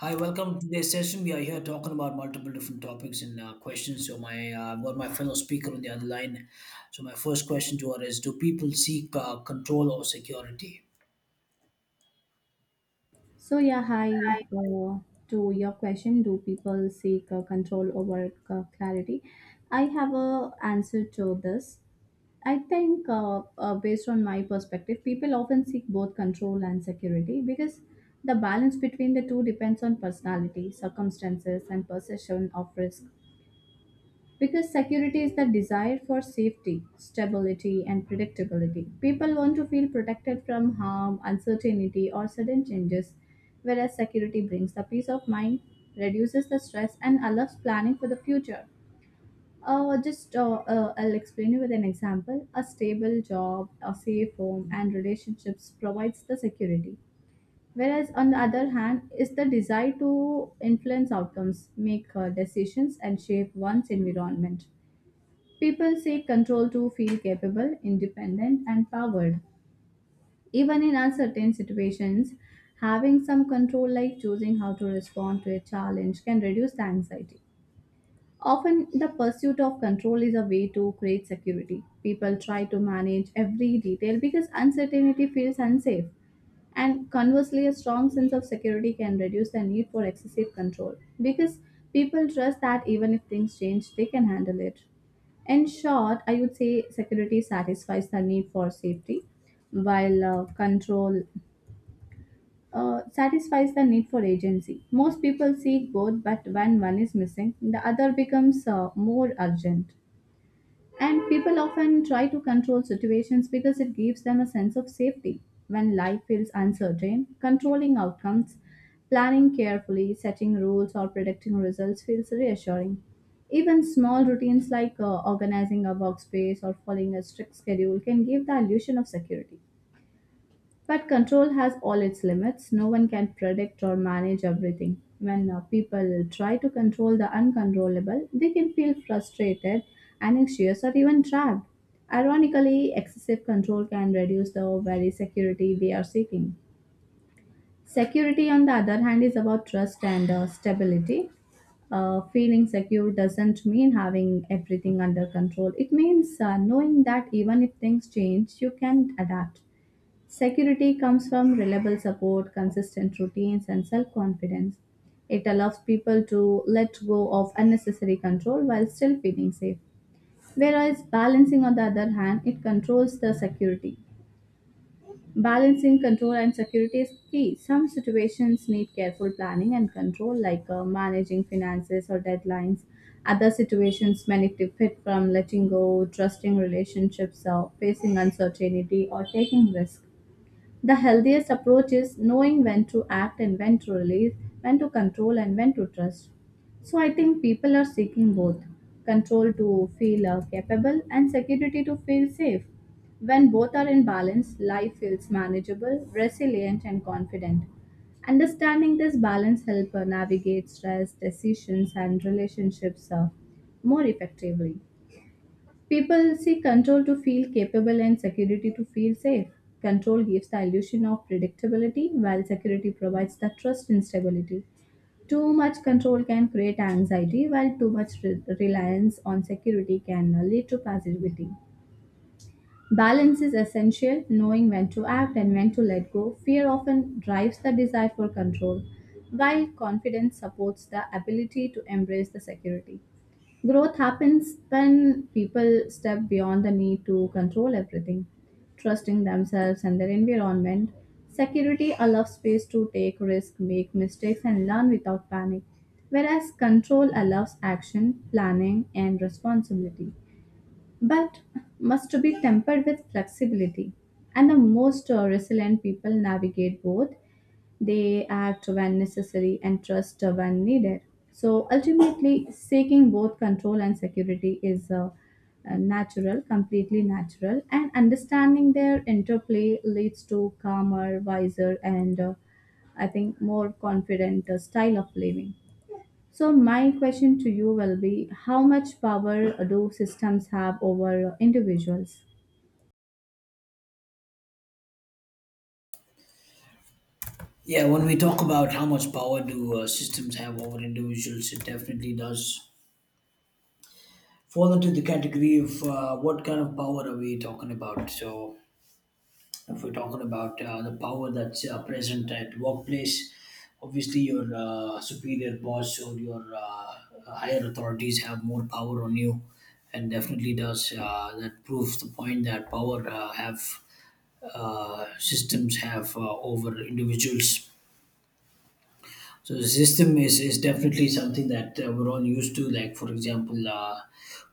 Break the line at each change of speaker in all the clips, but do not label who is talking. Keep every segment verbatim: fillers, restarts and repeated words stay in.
Hi, welcome to today's session. We are here talking about multiple different topics and uh, questions. So, my uh, I've got my fellow speaker on the other line. So, my first question to her is: Do people seek uh, control or security?
So yeah, hi. Uh, to your question, do people seek uh, control over uh, clarity? I have a answer to this. I think, uh, uh, based on my perspective, people often seek both control and security because the balance between the two depends on personality, circumstances, and perception of risk. Because security is the desire for safety, stability, and predictability. People want to feel protected from harm, uncertainty, or sudden changes, whereas security brings the peace of mind, reduces the stress, and allows planning for the future. Uh, just uh, uh, I'll explain you with an example. A stable job, a safe home, and relationships provides the security. Whereas on the other hand, is the desire to influence outcomes, make uh, decisions, and shape one's environment. People seek control to feel capable, independent, and powered. Even in uncertain situations, having some control, like choosing how to respond to a challenge, can reduce the anxiety. Often, the pursuit of control is a way to create security. People try to manage every detail because uncertainty feels unsafe. And conversely, a strong sense of security can reduce the need for excessive control because people trust that even if things change, they can handle it. In short, I would say security satisfies the need for safety, while uh, control uh, satisfies the need for agency. Most people seek both, but when one is missing, the other becomes uh, more urgent. And people often try to control situations because it gives them a sense of safety. When life feels uncertain, controlling outcomes, planning carefully, setting rules, or predicting results feels reassuring. Even small routines like uh, organizing a workspace or following a strict schedule can give the illusion of security. But control has all its limits. No one can predict or manage everything. When uh, people try to control the uncontrollable, they can feel frustrated, anxious, or even trapped. Ironically, excessive control can reduce the very security we are seeking. Security, on the other hand, is about trust and uh, stability. Uh, feeling secure doesn't mean having everything under control. It means uh, knowing that even if things change, you can adapt. Security comes from reliable support, consistent routines, and self confidence. It allows people to let go of unnecessary control while still feeling safe. Whereas balancing, on the other hand, it controls the security. Balancing control and security is key. Some situations need careful planning and control, like uh, managing finances or deadlines. Other situations benefit from letting go, trusting relationships, uh, facing uncertainty, or taking risks. The healthiest approach is knowing when to act and when to release, when to control and when to trust. So I think people are seeking both control to feel uh, capable and security to feel safe. When both are in balance, life feels manageable, resilient, and confident. Understanding this balance helps navigate stress, decisions, and relationships uh, more effectively. People seek control to feel capable and security to feel safe. Control gives the illusion of predictability, while security provides the trust in stability. Too much control can create anxiety, while too much re- reliance on security can uh, lead to passivity. Balance is essential, knowing when to act and when to let go. Fear often drives the desire for control, while confidence supports the ability to embrace the security. Growth happens when people step beyond the need to control everything, trusting themselves and their environment. Security allows space to take risks, make mistakes, and learn without panic, whereas control allows action, planning, and responsibility, but must be tempered with flexibility. And the most uh, resilient people navigate both they act when necessary and trust when needed. So ultimately, seeking both control and security is uh, uh, natural, completely natural, and understanding their interplay leads to calmer, wiser, and uh, I think more confident uh, style of living. So, my question to you will be how much power do systems have over individuals?
Yeah, when we talk about how much power do uh, systems have over individuals, it definitely does fall into the category of uh, what kind of power are we talking about. So, if we're talking about uh, the power that's uh, present at workplace, obviously your uh, superior boss or your uh, higher authorities have more power on you, and definitely does uh, that proves the point that power uh, have uh, systems have uh, over individuals. So the system is, is definitely something that uh, we're all used to, like for example, uh,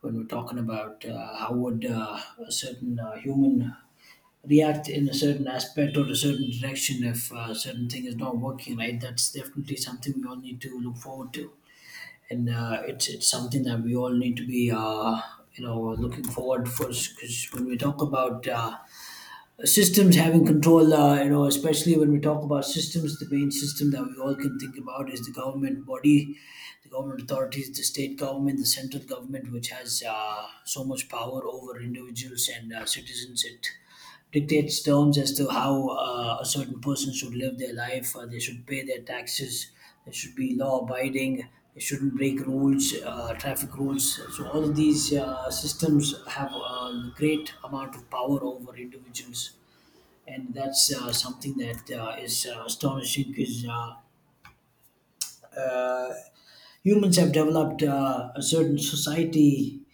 when we're talking about uh, how would uh, a certain uh, human react in a certain aspect or a certain direction if uh, certain thing is not working right, that's definitely something we all need to look forward to. And uh, it's it's something that we all need to be, uh, you know, looking forward for. Because when we talk about uh, systems having control, uh, you know, especially when we talk about systems, the main system that we all can think about is the government body, the government authorities, the state government, the central government, which has uh, so much power over individuals and uh, citizens. It dictates terms as to how uh, a certain person should live their life. Uh, they should pay their taxes. They should be law abiding. They shouldn't break rules, uh, traffic rules. So all of these uh, systems have a great amount of power over individuals, and that's uh, something that uh, is uh, astonishing. Because uh, uh, humans have developed uh, a certain society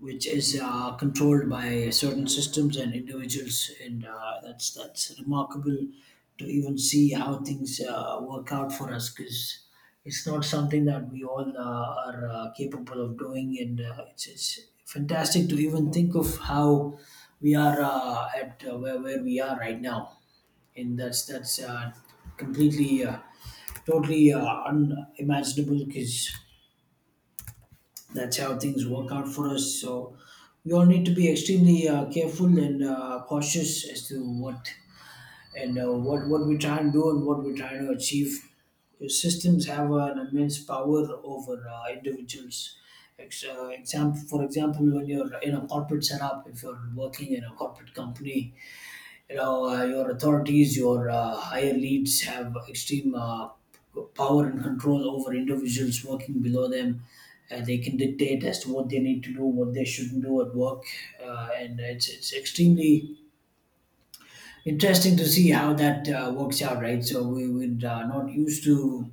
which is uh, controlled by certain systems and individuals, and uh, that's that's remarkable to even see how things uh, work out for us. Because it's not something that we all uh, are uh, capable of doing, and uh, it's, it's fantastic to even think of how we are, uh, at uh, where, where we are right now, and that's that's uh, completely. Uh, totally uh, unimaginable, because that's how things work out for us. So we all need to be extremely uh, careful and uh, cautious as to what and uh, what what we try and do and what we're trying to achieve. Because systems have an immense power over uh, individuals. Ex- uh, example, for example, when you're in a corporate setup, if you're working in a corporate company, you know, uh, your authorities, your uh, higher leads have extreme uh, power and control over individuals working below them. Uh, they can dictate as to what they need to do, what they shouldn't do at work. Uh, and it's, it's extremely interesting to see how that uh, works out, right? So we were uh, not used to,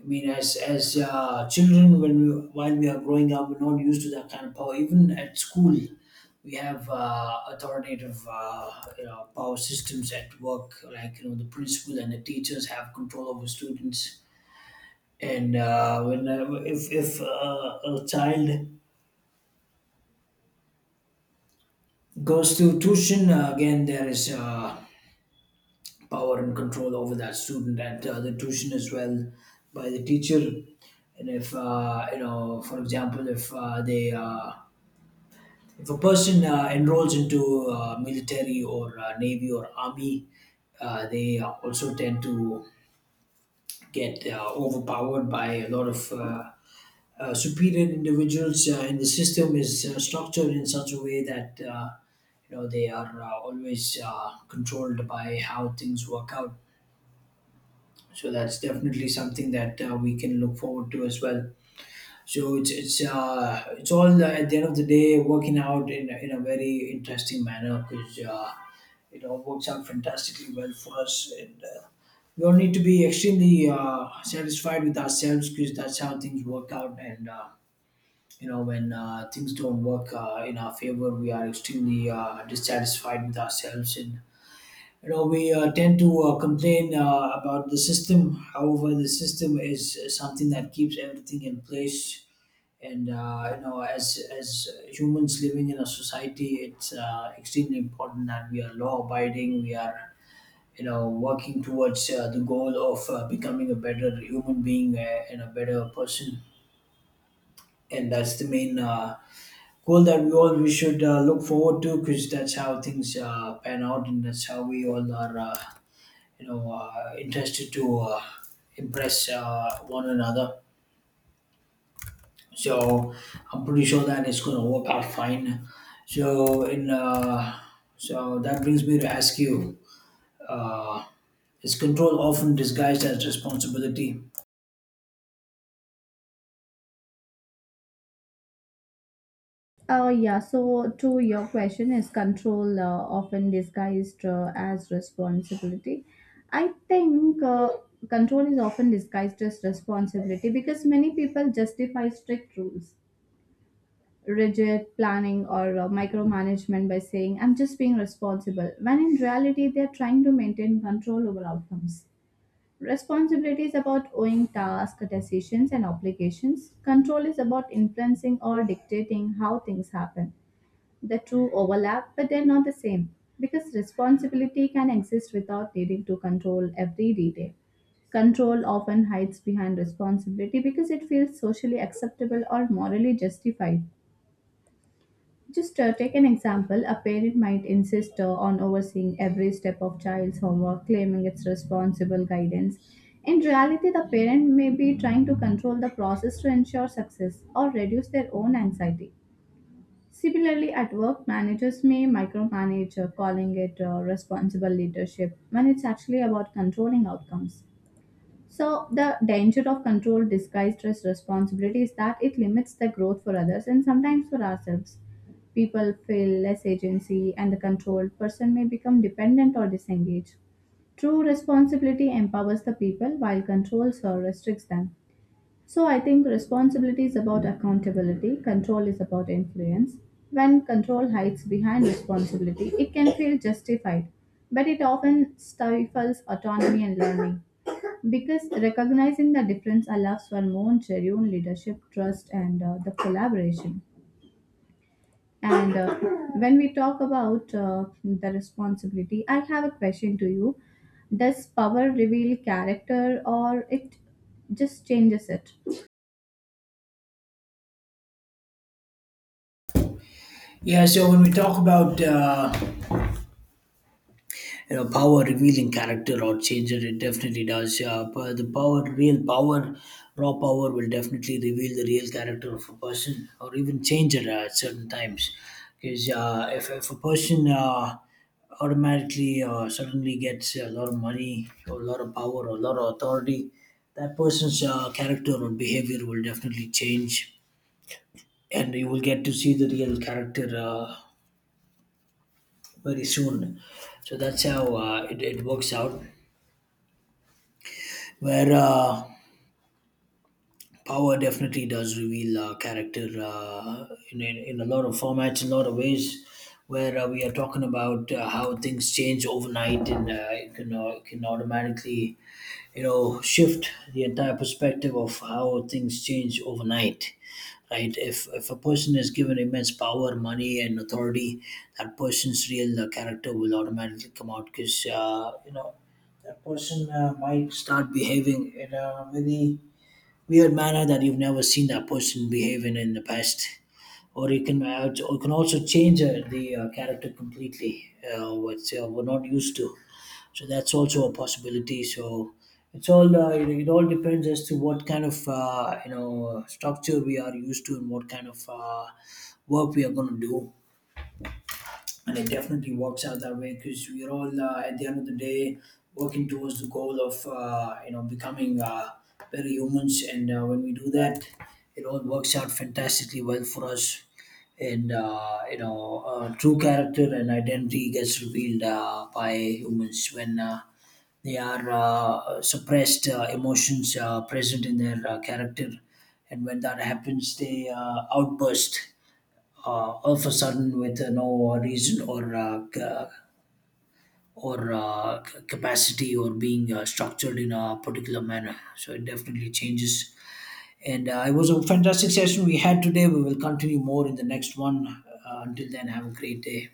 I mean, as as uh, children, when we while we are growing up, we're not used to that kind of power. Even at school, we have uh, authoritative, uh, you know, power systems at work, like, you know, the principal and the teachers have control over students. And uh, when uh, if if uh, a child goes to tuition, uh, again there is uh, power and control over that student at uh, the tuition as well, by the teacher. And if uh, you know, for example, if uh, they uh, if a person uh, enrolls into uh, military or uh, navy or army, uh, they also tend to get uh, overpowered by a lot of uh, uh, superior individuals. Uh, and the system is uh, structured in such a way that, uh, you know, they are uh, always uh, controlled by how things work out. So that's definitely something that uh, we can look forward to as well. So it's it's uh, it's all, uh, at the end of the day, working out in in a very interesting manner. Because uh, it all works out fantastically well for us, and uh, we all need to be extremely uh, satisfied with ourselves, because that's how things work out. And uh, you know, when uh, things don't work uh, in our favor, we are extremely uh, dissatisfied with ourselves, and you know, we uh, tend to uh, complain uh, about the system. However, the system is something that keeps everything in place. And uh, you know, as as humans living in a society, it's uh, extremely important that we are law-abiding. We are, you know, working towards uh, the goal of uh, becoming a better human being, uh, and a better person. And that's the main uh, goal that we all we should uh, look forward to, because that's how things uh, pan out and that's how we all are. Uh, you know, uh, interested to uh, impress uh, one another. So I'm pretty sure that it's going to work out fine. So in uh, so that brings me to ask you, uh, is control often disguised as responsibility?
Uh, yeah, so to your question, is control uh, often disguised uh, as responsibility? I think uh, control is often disguised as responsibility because many people justify strict rules, rigid planning, or uh, micromanagement by saying, I'm just being responsible, when in reality, they're trying to maintain control over outcomes. Responsibility is about owing tasks, decisions, and obligations. Control is about influencing or dictating how things happen. The two overlap, but they're not the same because responsibility can exist without needing to control every detail. Control often hides behind responsibility because it feels socially acceptable or morally justified. Just uh, take an example a parent might insist uh, on overseeing every step of child's homework, claiming it's responsible guidance. In reality, the parent may be trying to control the process to ensure success or reduce their own anxiety. Similarly, at work, managers may micromanage, uh, calling it uh, responsible leadership when it's actually about controlling outcomes. So, the danger of control disguised as responsibility is that it limits the growth for others and sometimes for ourselves. People feel less agency, and the controlled person may become dependent or disengaged. True responsibility empowers the people while controls or restricts them. So I think responsibility is about accountability, control is about influence. When control hides behind responsibility, it can feel justified, but it often stifles autonomy and learning. Because recognizing the difference allows for more genuine leadership, trust, and uh, the collaboration. And uh, when we talk about uh, the responsibility, I have a question to you. Does power reveal character or it just changes it?
Yeah, so when we talk about, uh, you know, power revealing character or changer, it definitely does, yeah. But the power, real power, raw power will definitely reveal the real character of a person or even change it uh, at certain times. Because uh, if, if a person uh, automatically, uh, suddenly gets a lot of money or a lot of power or a lot of authority, that person's uh, character or behavior will definitely change, and you will get to see the real character uh, very soon. So that's how, uh, it, it works out, where uh, power definitely does reveal uh, character, uh, in, in, in a lot of formats, in a lot of ways, where uh, we are talking about uh, how things change overnight. And uh, it can, uh, it can automatically, you know, shift the entire perspective of how things change overnight. Right, if, if a person is given immense power, money, and authority, that person's real uh, character will automatically come out. Because uh, you know, that person uh, might start behaving in a very weird manner that you've never seen that person behave in in the past. Or you can, uh, you can also change uh, the uh, character completely, uh, which uh, we're not used to. So that's also a possibility. So it's all uh, it, it all depends as to what kind of, uh, you know, structure we are used to and what kind of uh, work we are going to do. And it definitely works out that way, because we're all, uh, at the end of the day, working towards the goal of, uh, you know, becoming uh, better humans. And uh, when we do that, it all works out fantastically well for us. And uh, you know, uh, true character and identity gets revealed uh, by humans when uh, they are uh, suppressed uh, emotions uh, present in their uh, character. And when that happens, they uh, outburst uh, all of a sudden with uh, no reason or uh, ca- or uh, c- capacity, or being uh, structured in a particular manner. So it definitely changes. And uh, it was a fantastic session we had today. We will continue more in the next one. Uh, until then, have a great day.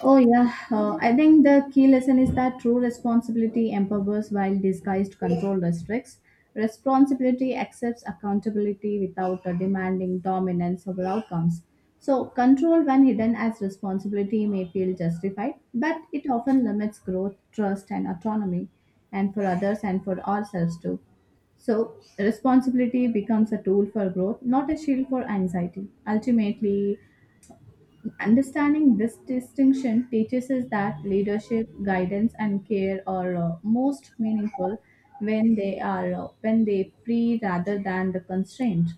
Oh, yeah. Uh, I think the key lesson is that true responsibility empowers while disguised control restricts. Responsibility accepts accountability without uh, demanding dominance over outcomes. So, control, when hidden as responsibility, may feel justified, but it often limits growth, trust, and autonomy, and for others and for ourselves too. So, responsibility becomes a tool for growth, not a shield for anxiety. Ultimately, understanding this distinction teaches us that leadership, guidance, and care are uh, most meaningful when they are uh, when they free rather than the constraint.